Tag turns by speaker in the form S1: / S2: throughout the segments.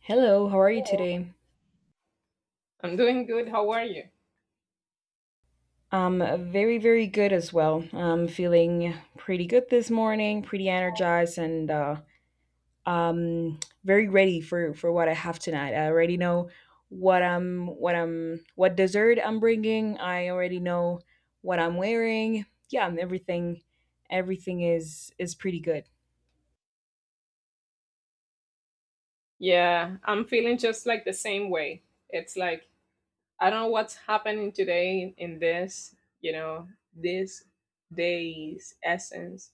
S1: Hello, how are you
S2: Hello.
S1: today?
S2: I'm doing good. How are you?
S1: I'm very, very good as well. I'm feeling pretty good this morning, pretty energized, and very ready for what I have tonight. I already know what I'm what I'm what dessert I'm bringing. I already know what I'm wearing. Yeah, and everything is pretty good.
S2: Yeah, I'm feeling just like the same way. It's like I don't know what's happening today in this, you know, this day's essence,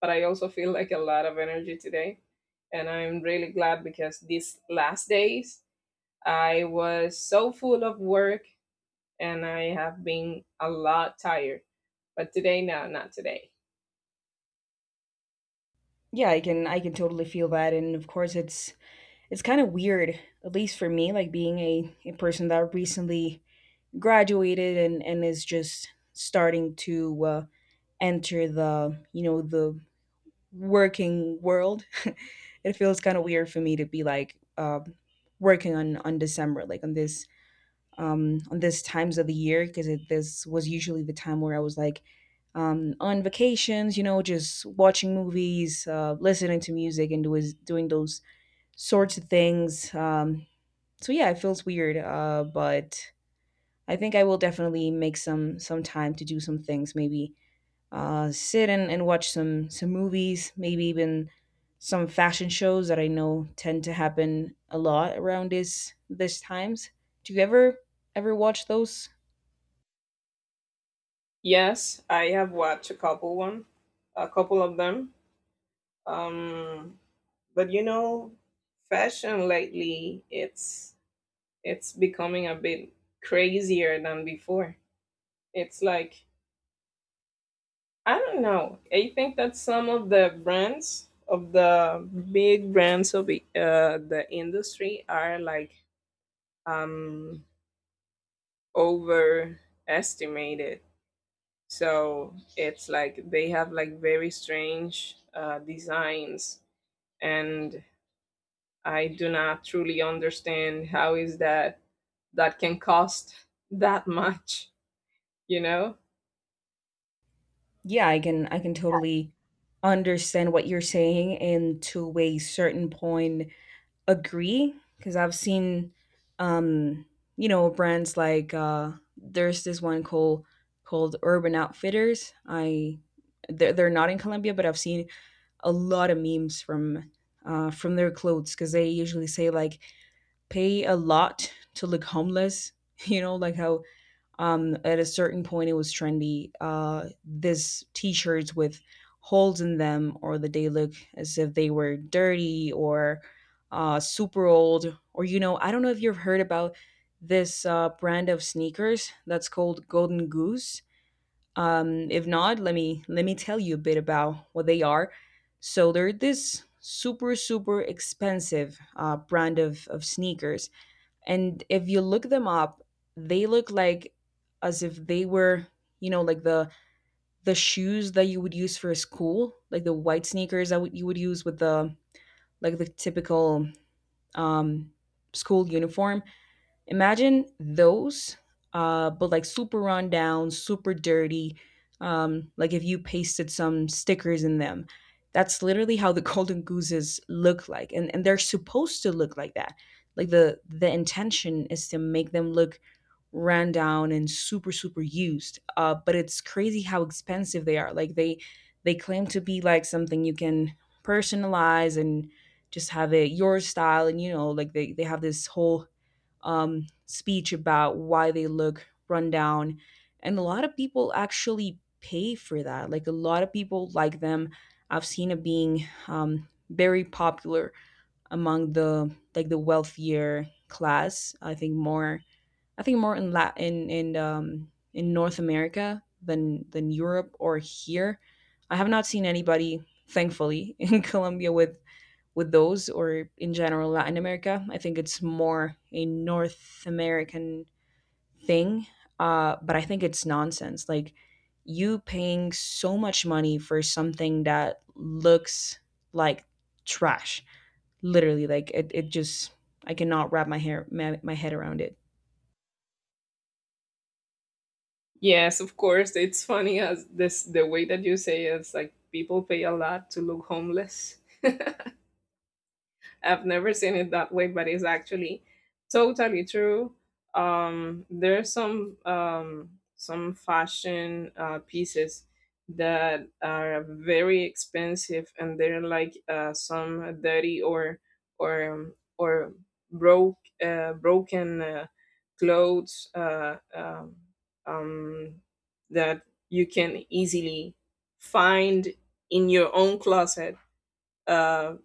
S2: but I also feel like a lot of energy today. And I'm really glad because these last days I was so full of work and I have been a lot tired. But today, no, not today.
S1: Yeah, I can totally feel that, and of course it's kind of weird, at least for me, like being a person that recently graduated and is just starting to enter the you know the working world it feels kind of weird for me to be like working on December, like on this times of the year, because this was usually the time where I was like on vacations. You know, just watching movies, listening to music, and doing those sorts of things. Um, so yeah, it feels weird, but I think I will definitely make some time to do some things. Maybe sit and watch some movies. Maybe even some fashion shows that I know tend to happen a lot around this times. Do you ever watch those?
S2: Yes, I have watched a couple one, a couple of them. Um, but you know, fashion lately it's becoming a bit crazier than before. It's like I don't know. I think that some of the brands of the big brands of the industry are like um overestimated. So it's like they have like very strange designs and I do not truly understand how is that that can cost that much, you know?
S1: Yeah, I can totally understand what you're saying, and to a certain point agree, because I've seen, um, you know, brands like there's this one called Urban Outfitters. They're not in Colombia, but I've seen a lot of memes from their clothes, because they usually say like pay a lot to look homeless. You know, like how at a certain point it was trendy, this t-shirts with holes in them, or that they look as if they were dirty or super old. Or you know, I don't know if you've heard about this brand of sneakers that's called Golden Goose. Um, if not, let me tell you a bit about what they are. So they're this super super expensive, brand of sneakers, and if you look them up, they look like as if they were, you know, like the shoes that you would use for school, like the white sneakers that you would use with the like the typical um school uniform. Imagine those, but like super run down, super dirty. Like if you pasted some stickers in them. That's literally how the golden gooses look like, and they're supposed to look like that. Like the intention is to make them look ran down and super super used. But it's crazy how expensive they are. Like they claim to be like something you can personalize and just have it your style. And you know, like they have this whole speech about why they look run down. And a lot of people actually pay for that. Like a lot of people like them. I've seen it being very popular among the like the wealthier class. I think more. I think more in North America than Europe or here. I have not seen anybody, thankfully, in Colombia with those, or in general Latin America. I think it's more a North American thing, but I think it's nonsense. Like you paying so much money for something that looks like trash. Literally, like it just I cannot wrap my head around it.
S2: Yes, of course, it's funny as this the way that you say it, it's like people pay a lot to look homeless. I've never seen it that way, but it's actually totally true. There's some fashion pieces that are very expensive, and they're like some dirty or broke broken clothes um, that you can easily find in your own closet. Uh,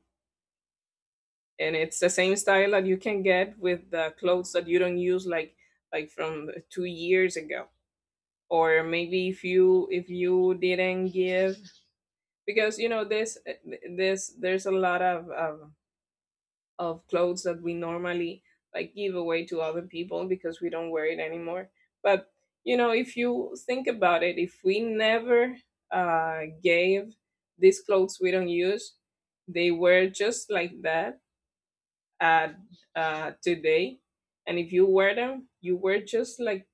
S2: and it's the same style that you can get with the clothes that you don't use like from 2 years ago, or maybe if you didn't give because you know this, there's a lot of clothes that we normally like give away to other people because we don't wear it anymore. But you know if you think about it, if we never gave these clothes we don't use, they were just like that at today. And if you wear them, you wear just like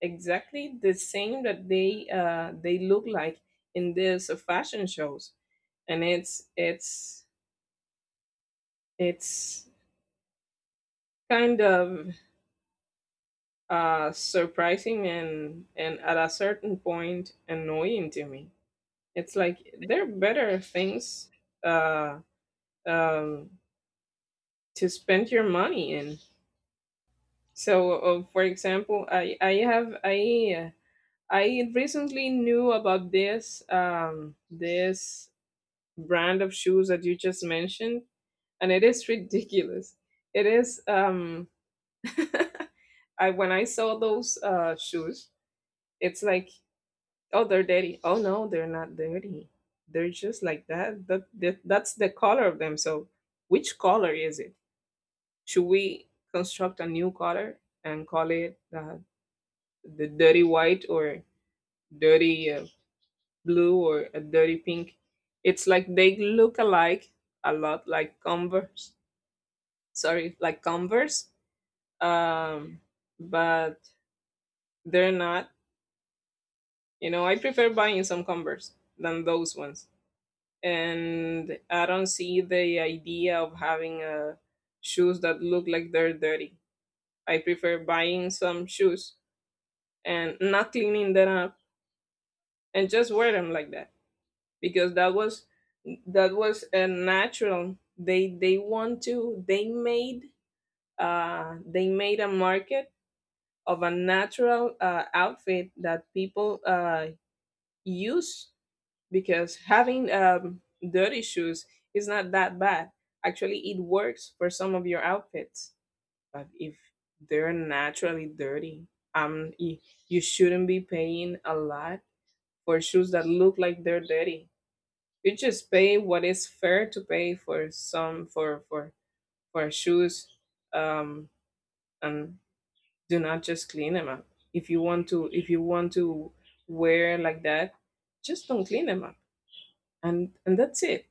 S2: exactly the same that they look like in these fashion shows. And it's kind of surprising and at a certain point annoying to me. It's like there are better things uh, um, to spend your money in. So, for example, I have I recently knew about this brand of shoes that you just mentioned, and it is ridiculous. It is I when I saw those shoes, it's like oh they're dirty. Oh no, they're not dirty. They're just like that. That's the color of them. So which color is it? Should we construct a new color and call it the dirty white or dirty blue or a dirty pink. It's like they look alike a lot, like Converse. Sorry, like Converse. Um, but they're not. You know, I prefer buying some Converse than those ones. And I don't see the idea of having shoes that look like they're dirty. I prefer buying some shoes and not cleaning them up and just wear them like that. Because that was a natural they want to they made a market of a natural outfit that people use, because having dirty shoes is not that bad. Actually it works for some of your outfits, but if they're naturally dirty, um y- you shouldn't be paying a lot for shoes that look like they're dirty. You just pay what is fair to pay for some for shoes, um and do not just clean them up. If you want to wear like that, just don't clean them up, and that's it.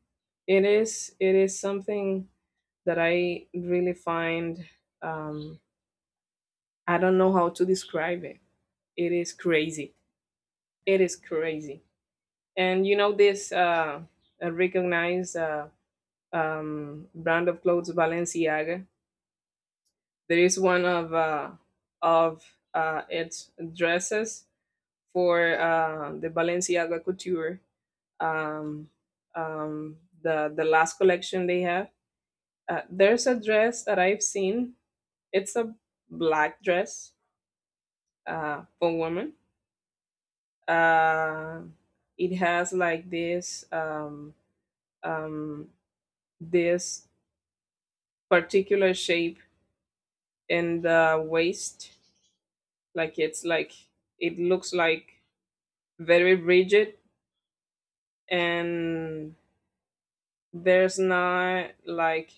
S2: It is something that I really find, um I don't know how to describe it. It is crazy, it is crazy. And you know this recognized brand of clothes, Balenciaga. There is one of of its dresses for the Balenciaga couture. Um, the last collection they have. There's a dress that I've seen. It's a black dress for women. Uh, it has like um, this particular shape in the waist, like it's like it looks like very rigid, and there's not like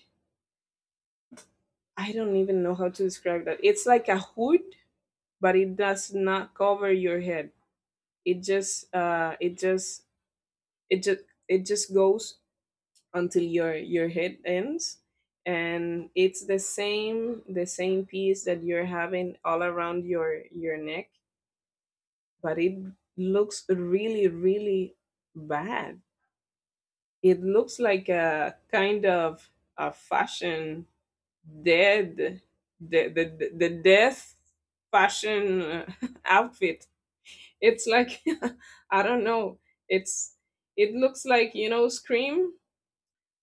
S2: I don't even know how to describe that. It's like a hood, but it does not cover your head. It just it just it just it just goes until your head ends, and it's the same piece that you're having all around your neck, but it looks really really bad. It looks like a kind of a fashion dead, the death fashion outfit. It's like I don't know, it's it looks like you know Scream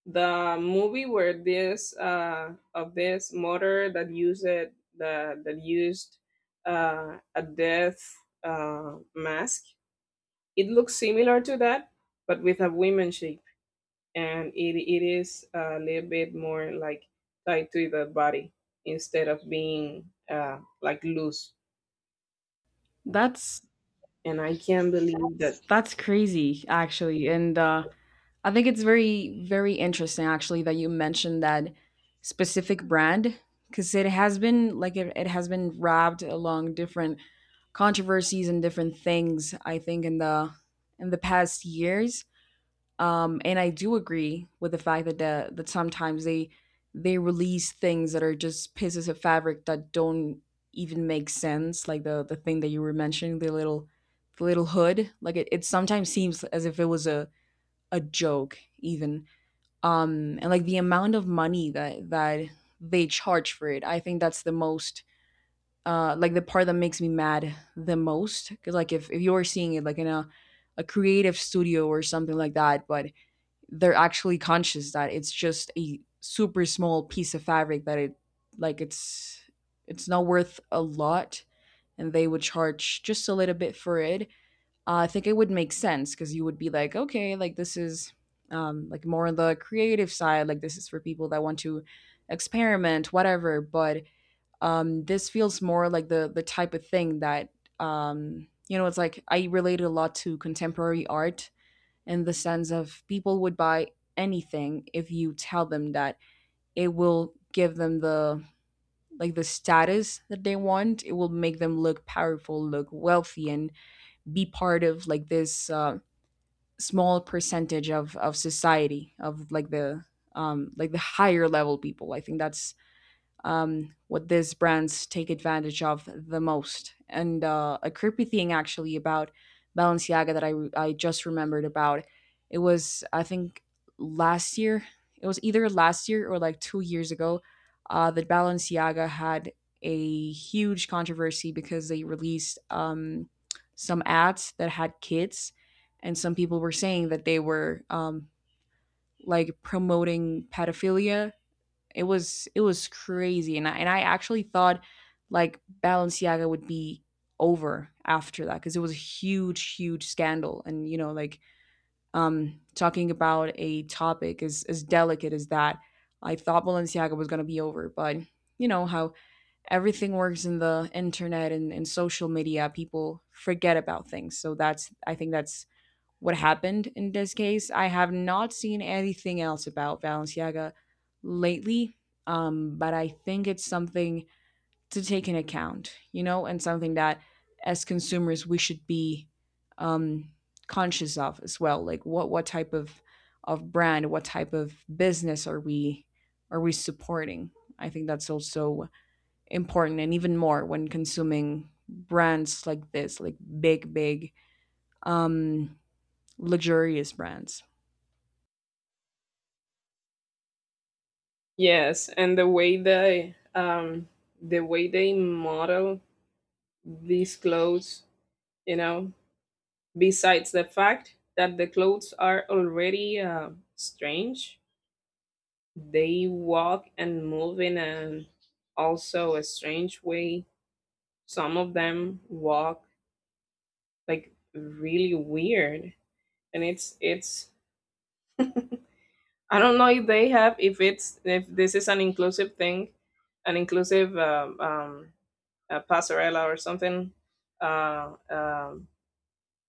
S2: the movie, where this of this motor that used it the that used a death mask. It looks similar to that, but with a women shape, and it is a little bit more like tied to the body instead of being like loose.
S1: That's
S2: And I can't believe that.
S1: that's crazy actually. And I think it's very, very interesting actually that you mentioned that specific brand, because it has been like it has been wrapped along different controversies and different things. I think in the past years, and I do agree with the fact that that sometimes they release things that are just pieces of fabric that don't even make sense. Like the thing that you were mentioning, the little hood. Like it sometimes seems as if it was a joke even. And like the amount of money that that they charge for it, I think that's the most like the part that makes me mad the most, because like if you're seeing it like in a creative studio or something like that. But they're actually conscious that it's just a super small piece of fabric that it like it's not worth a lot, and they would charge just a little bit for it. I think it would make sense, because you would be like, okay, like this is like more on the creative side, like this is for people that want to experiment, whatever. But this feels more like the type of thing that you know, it's like I related a lot to contemporary art in the sense of people would buy anything if you tell them that it will give them the like the status that they want. It will make them look powerful, look wealthy, and be part of like this small percentage of society, of like the higher level people. I think that's what these brands take advantage of the most. And a creepy thing actually about Balenciaga that I just remembered about. It was, I think, last year. It was either last year or like 2 years ago that Balenciaga had a huge controversy because they released some ads that had kids, and some people were saying that they were like promoting pedophilia. It was crazy, and I actually thought like Balenciaga would be over after that, because it was a huge huge scandal. And you know like talking about a topic as delicate as that, I thought Balenciaga was going to be over. But you know how everything works in the internet, and social media, people forget about things. So that's, I think that's what happened in this case. I have not seen anything else about Valenciaga lately, but I think it's something to take in account, you know, and something that as consumers we should be um, conscious of as well. Like what type of brand, what type of business are we supporting? I think that's also important, and even more when consuming brands like this, like big, big um luxurious brands.
S2: Yes, and the way they model these clothes, you know, besides the fact that the clothes are already strange, they walk and move in an also a strange way. Some of them walk like really weird, and it's I don't know if they have if this is an inclusive thing, an inclusive passerella or something, uh um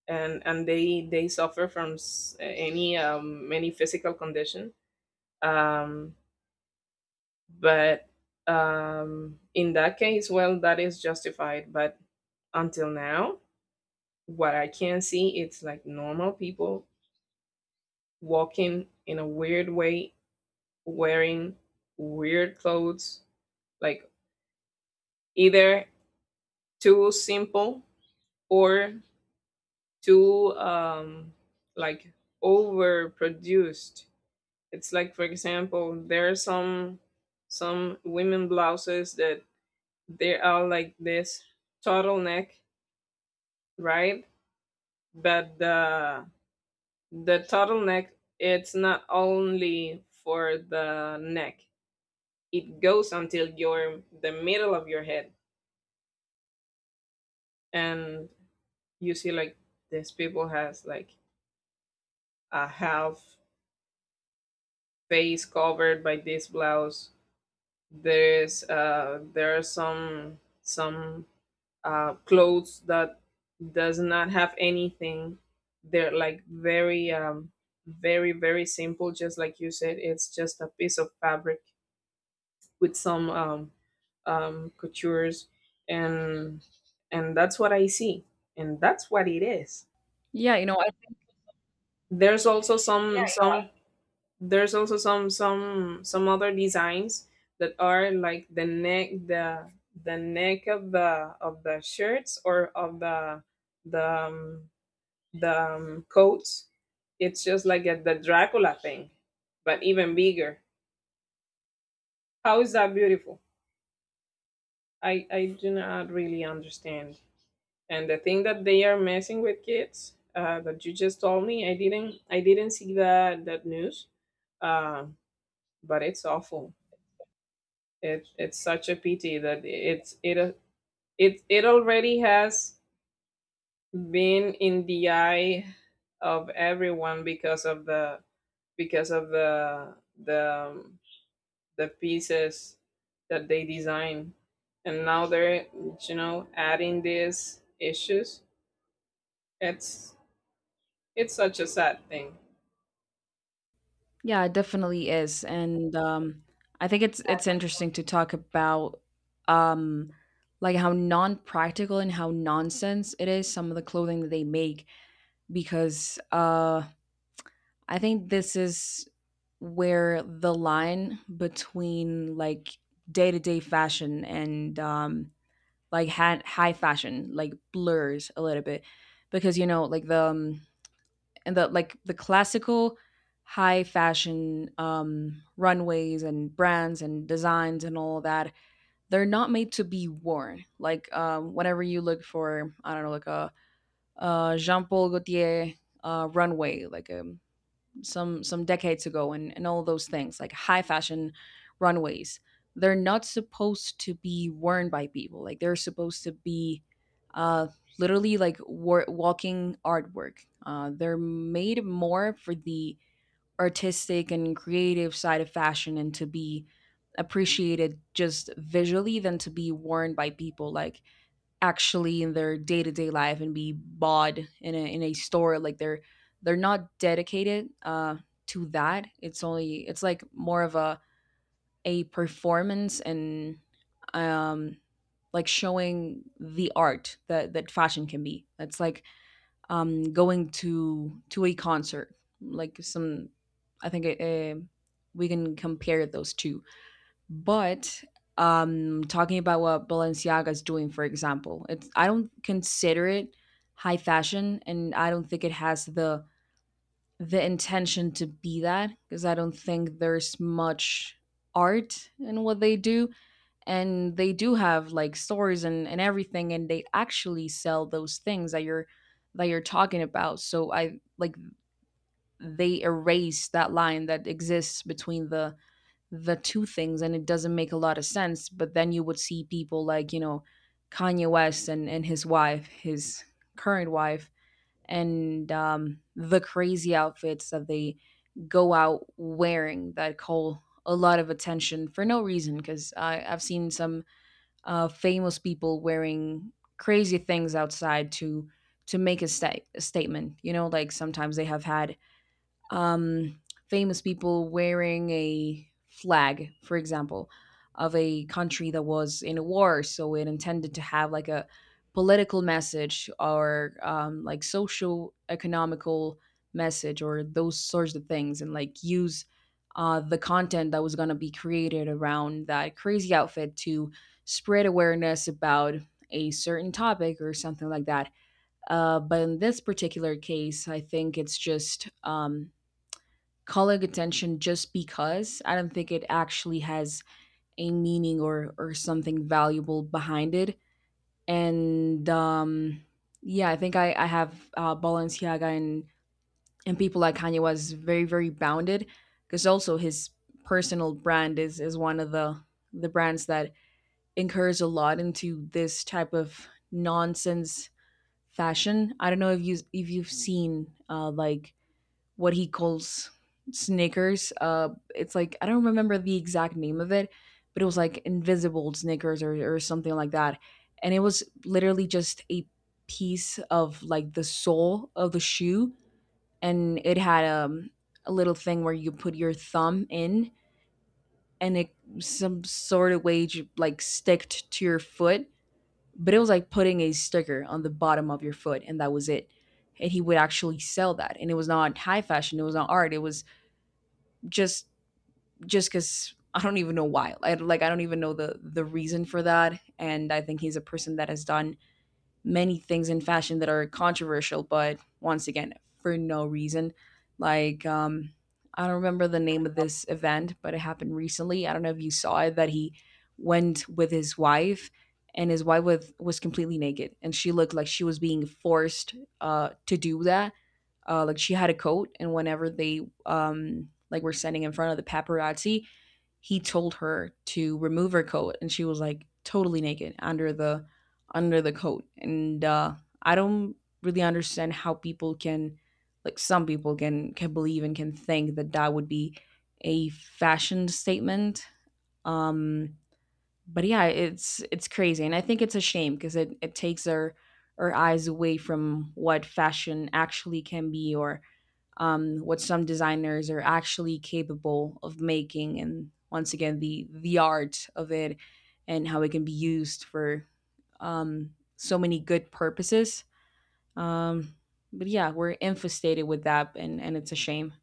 S2: and they suffer from any physical condition. Um but In that case, well, that is justified. But until now, what I can see, it's like normal people walking in a weird way, wearing weird clothes, like either too simple or too like overproduced. It's like for example, there are some women blouses that they are like this turtleneck, right? But the turtleneck, it's not only for the neck. It goes until your the middle of your head. And you see like these people has like a half face covered by this blouse. There are some clothes that does not have anything. They're like very very simple, just like you said, it's just a piece of fabric with some coutures, and and that's what I see, and that's what it is.
S1: Yeah, you know, I,
S2: there's also some some There's also some other designs that are like the neck, the neck of the shirts or of the the um, the coats. It's just like a, the Dracula thing, but even bigger. How is that beautiful? I do not really understand. And the thing that they are messing with kids, that you just told me, I didn't see that that news, uh, but it's awful. It it's such a pity that it it already has been in the eye of everyone because of the because of the um, the pieces that they design, and now they're you know adding these issues. it's it's such a sad thing.
S1: yeah, it definitely is. And I think it's interesting to talk about um, like how non-practical and how nonsense it is some of the clothing that they make. Because I think this is where the line between like day to day fashion and like high fashion like blurs a little bit. Because you know like the and the like the classical high fashion runways and brands and designs and all that, they're not made to be worn like whenever you look for, I don't know, like a Jean-Paul Gaultier runway like a some decades ago, and all those things like high fashion runways, they're not supposed to be worn by people. Like they're supposed to be uh literally like walking artwork. Uh, they're made more for the artistic and creative side of fashion, and to be appreciated just visually than to be worn by people, like actually in their day to day life and be bought in a store. Like they're not dedicated to that. It's only it's like more of a performance and um like showing the art that that fashion can be. It's like going to a concert. Like some, I think we can compare those two. But talking about what Balenciaga is doing, for example, it's I don't consider it high fashion, and I don't think it has the intention to be that, because I don't think there's much art in what they do. And they do have like stores and everything, and they actually sell those things that you're talking about. So I like they erase that line that exists between the two things, and it doesn't make a lot of sense. But then you would see people like, you know, Kanye West and his wife, his current wife, and the crazy outfits that they go out wearing that call a lot of attention for no reason. Because I've seen some famous people wearing crazy things outside to make a statement. You know, like sometimes they have had um, famous people wearing a flag, for example, of a country that was in a war. So it intended to have like a political message or like social economical message or those sorts of things, and like use the content that was going to be created around that crazy outfit to spread awareness about a certain topic or something like that. But in this particular case, I think it's just calling attention just because. I don't think it actually has a meaning or something valuable behind it. And yeah, I think I have Balenciaga and people like Kanye was very very bounded, because also his personal brand is one of the brands that incurs a lot into this type of nonsense fashion. I don't know if you if you've seen like what he calls Snickers. It's like I don't remember the exact name of it, but it was like invisible Snickers or something like that. And it was literally just a piece of like the sole of the shoe, and it had a little thing where you put your thumb in, and it some sort of way like sticked to your foot. But it was like putting a sticker on the bottom of your foot, and that was it. And he would actually sell that. And it was not high fashion. It was not art. It was just just because, I don't even know why. Like, I don't even know the reason for that. And I think he's a person that has done many things in fashion that are controversial, but once again, for no reason. Like I don't remember the name of this event, but it happened recently. I don't know if you saw it that he went with his wife, and his wife was completely naked, and she looked like she was being forced to do that. Uh, like she had a coat, and whenever they like were standing in front of the paparazzi, he told her to remove her coat, and she was like totally naked under the coat. And I don't really understand how people can like, some people can believe and can think that that would be a fashion statement. Um, but yeah, it's crazy, and I think it's a shame because it takes our eyes away from what fashion actually can be, or what some designers are actually capable of making, and once again the art of it and how it can be used for so many good purposes. Um, but yeah, we're infestated with that, and it's a shame.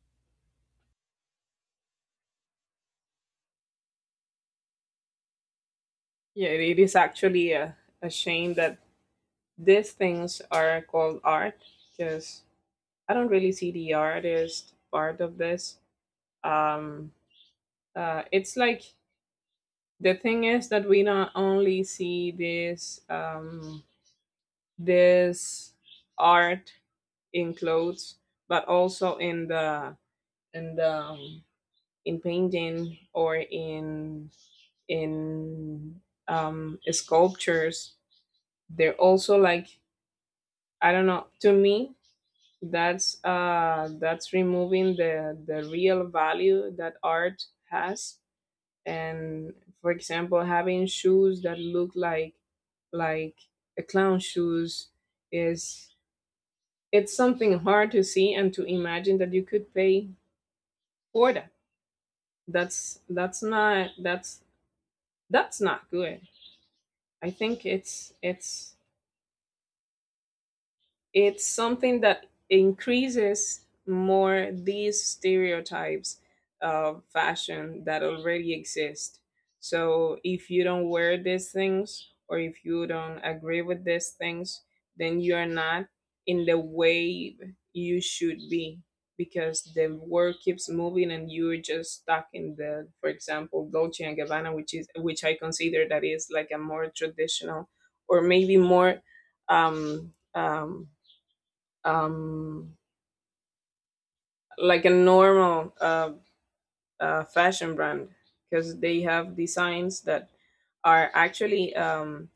S2: Yeah, it is actually a shame that these things are called art, because I don't really see the artist part of this, um, it's like the thing is that we not only see this art in clothes, but also in the in the in painting or in in sculptures. They're also like I don't know, to me that's removing the real value that art has. And for example, having shoes that look like a clown shoes, is it's something hard to see and to imagine that you could pay for that. that's that's not that's that's not good. I think it's something that increases more these stereotypes of fashion that already exist. So if you don't wear these things, or if you don't agree with these things, then you are not in the wave you should be, because the world keeps moving and you're just stuck in the for example Dolce and Gabbana, which is which I consider that is like a more traditional, or maybe more um, um, um, like a normal fashion brand, because they have designs that are actually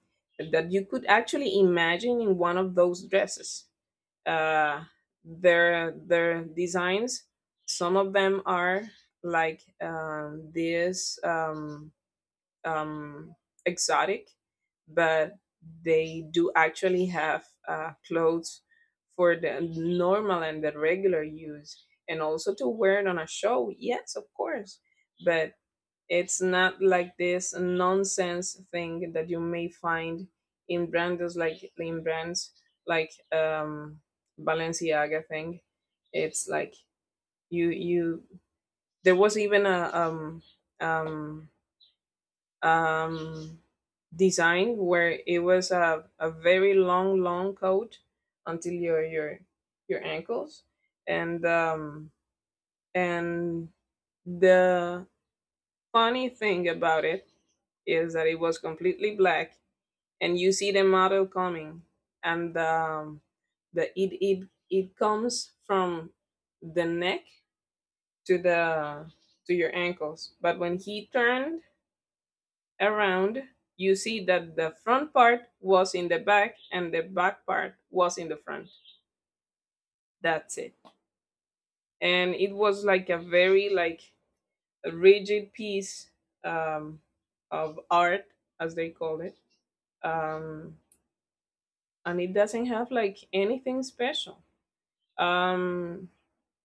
S2: that you could actually imagine in one of those dresses. Uh, their designs, some of them are like this. Um, exotic, but they do actually have clothes for the normal and the regular use, and also to wear it on a show. Yes, of course, but it's not like this nonsense thing that you may find in brands like Balenciaga thing. It's like you there was even a um um, design where it was a very long, long coat until your your ankles. And um, and the funny thing about it is that it was completely black, and you see the model coming, and the it it it comes from the neck to the to your ankles. But when he turned around, you see that the front part was in the back and the back part was in the front. That's it. And it was like a very like a rigid piece um, of art, as they call it. Um, and it doesn't have like anything special. Um,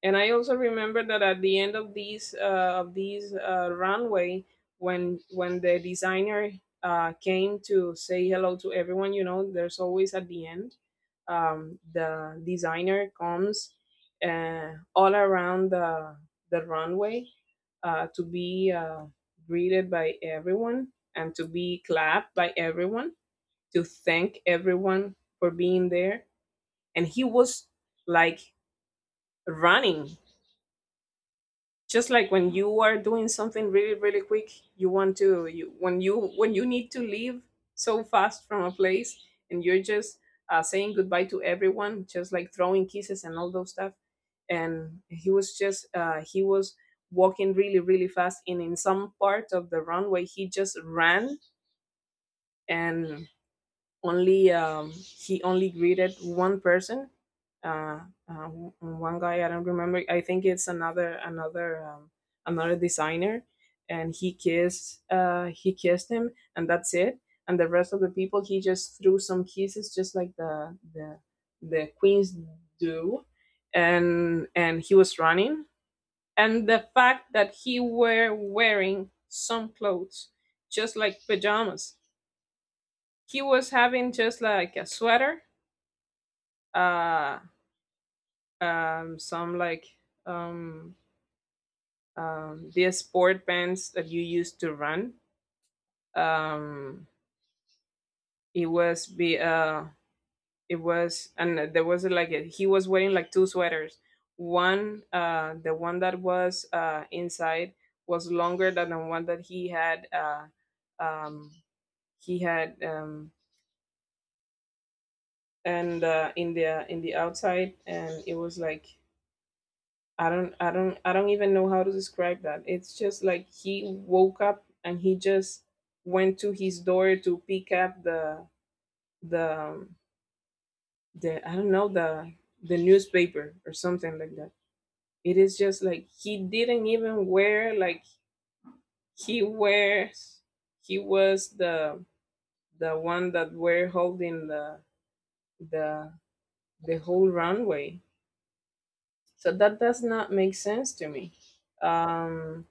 S2: And I also remember that at the end of these runway, when the designer came to say hello to everyone, you know, there's always at the end. The designer comes all around the runway to be greeted by everyone and to be clapped by everyone to thank everyone for being there. And he was like running, just like when you are doing something really really quick, you want to you when you when you need to leave so fast from a place, and you're just saying goodbye to everyone, just like throwing kisses and all those stuff. And he was walking really really fast, and in some part of the runway he just ran. And only he only greeted one person, uh, one guy. I don't remember, I think it's another designer, and he kissed him, and that's it. And the rest of the people, he just threw some kisses, just like the queens do. And he was running, and the fact that he were wearing some clothes just like pajamas. He was having just like a sweater, uh, some like, um, the sport pants that you used to run. Um, it was be uh, it was, and there was like a, he was wearing like two sweaters. One, the one that was inside was longer than the one that he had. Um, he had and in the outside, and it was like, I don't even know how to describe that. It's just like he woke up and he just went to his door to pick up the um, the I don't know, the newspaper or something like that. It is just like he didn't even wear like, he wears he was the one that were holding the the whole runway. So that does not make sense to me. Um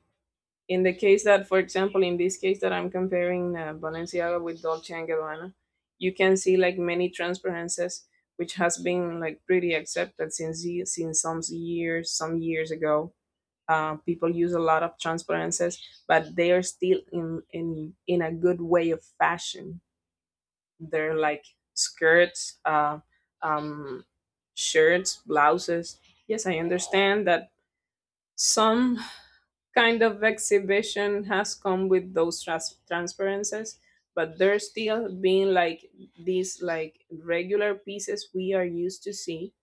S2: in the case that, for example, in this case that I'm comparing Balenciaga with Dolce and Gabbana, you can see like many transparencies, which has been like pretty accepted since since some years ago. People use a lot of transparencies, but they are still in a good way of fashion. They're like skirts, um, shirts, blouses. Yes, I understand that some kind of exhibition has come with those transparencies, but they're still being like these like regular pieces we are used to see,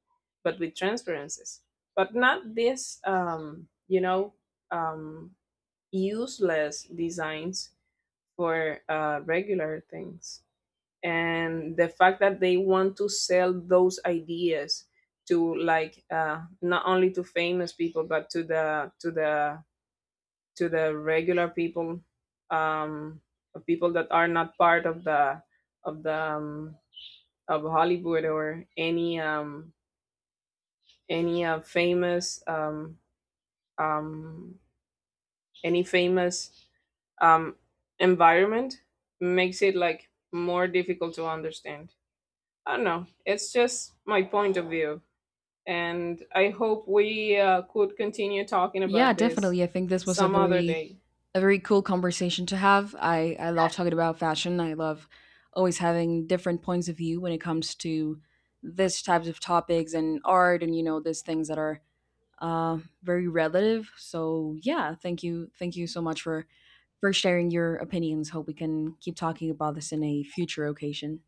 S2: but with transparencies. But not this, um useless designs for regular things, and the fact that they want to sell those ideas to like, not only to famous people, but to the to the regular people, um of people that are not part of the of Hollywood, or any uh, famous um um any famous um environment, makes it like more difficult to understand. I don't know, it's just my point of view, and I hope we could continue talking
S1: Yeah,
S2: about this
S1: definitely. I think this was
S2: some other day.
S1: a very cool conversation to have. I love talking about fashion. I love always having different points of view when it comes to this types of topics and art, and you know, these things that are very relative. So yeah, thank you so much for sharing your opinions. Hope we can keep talking about this in a future occasion.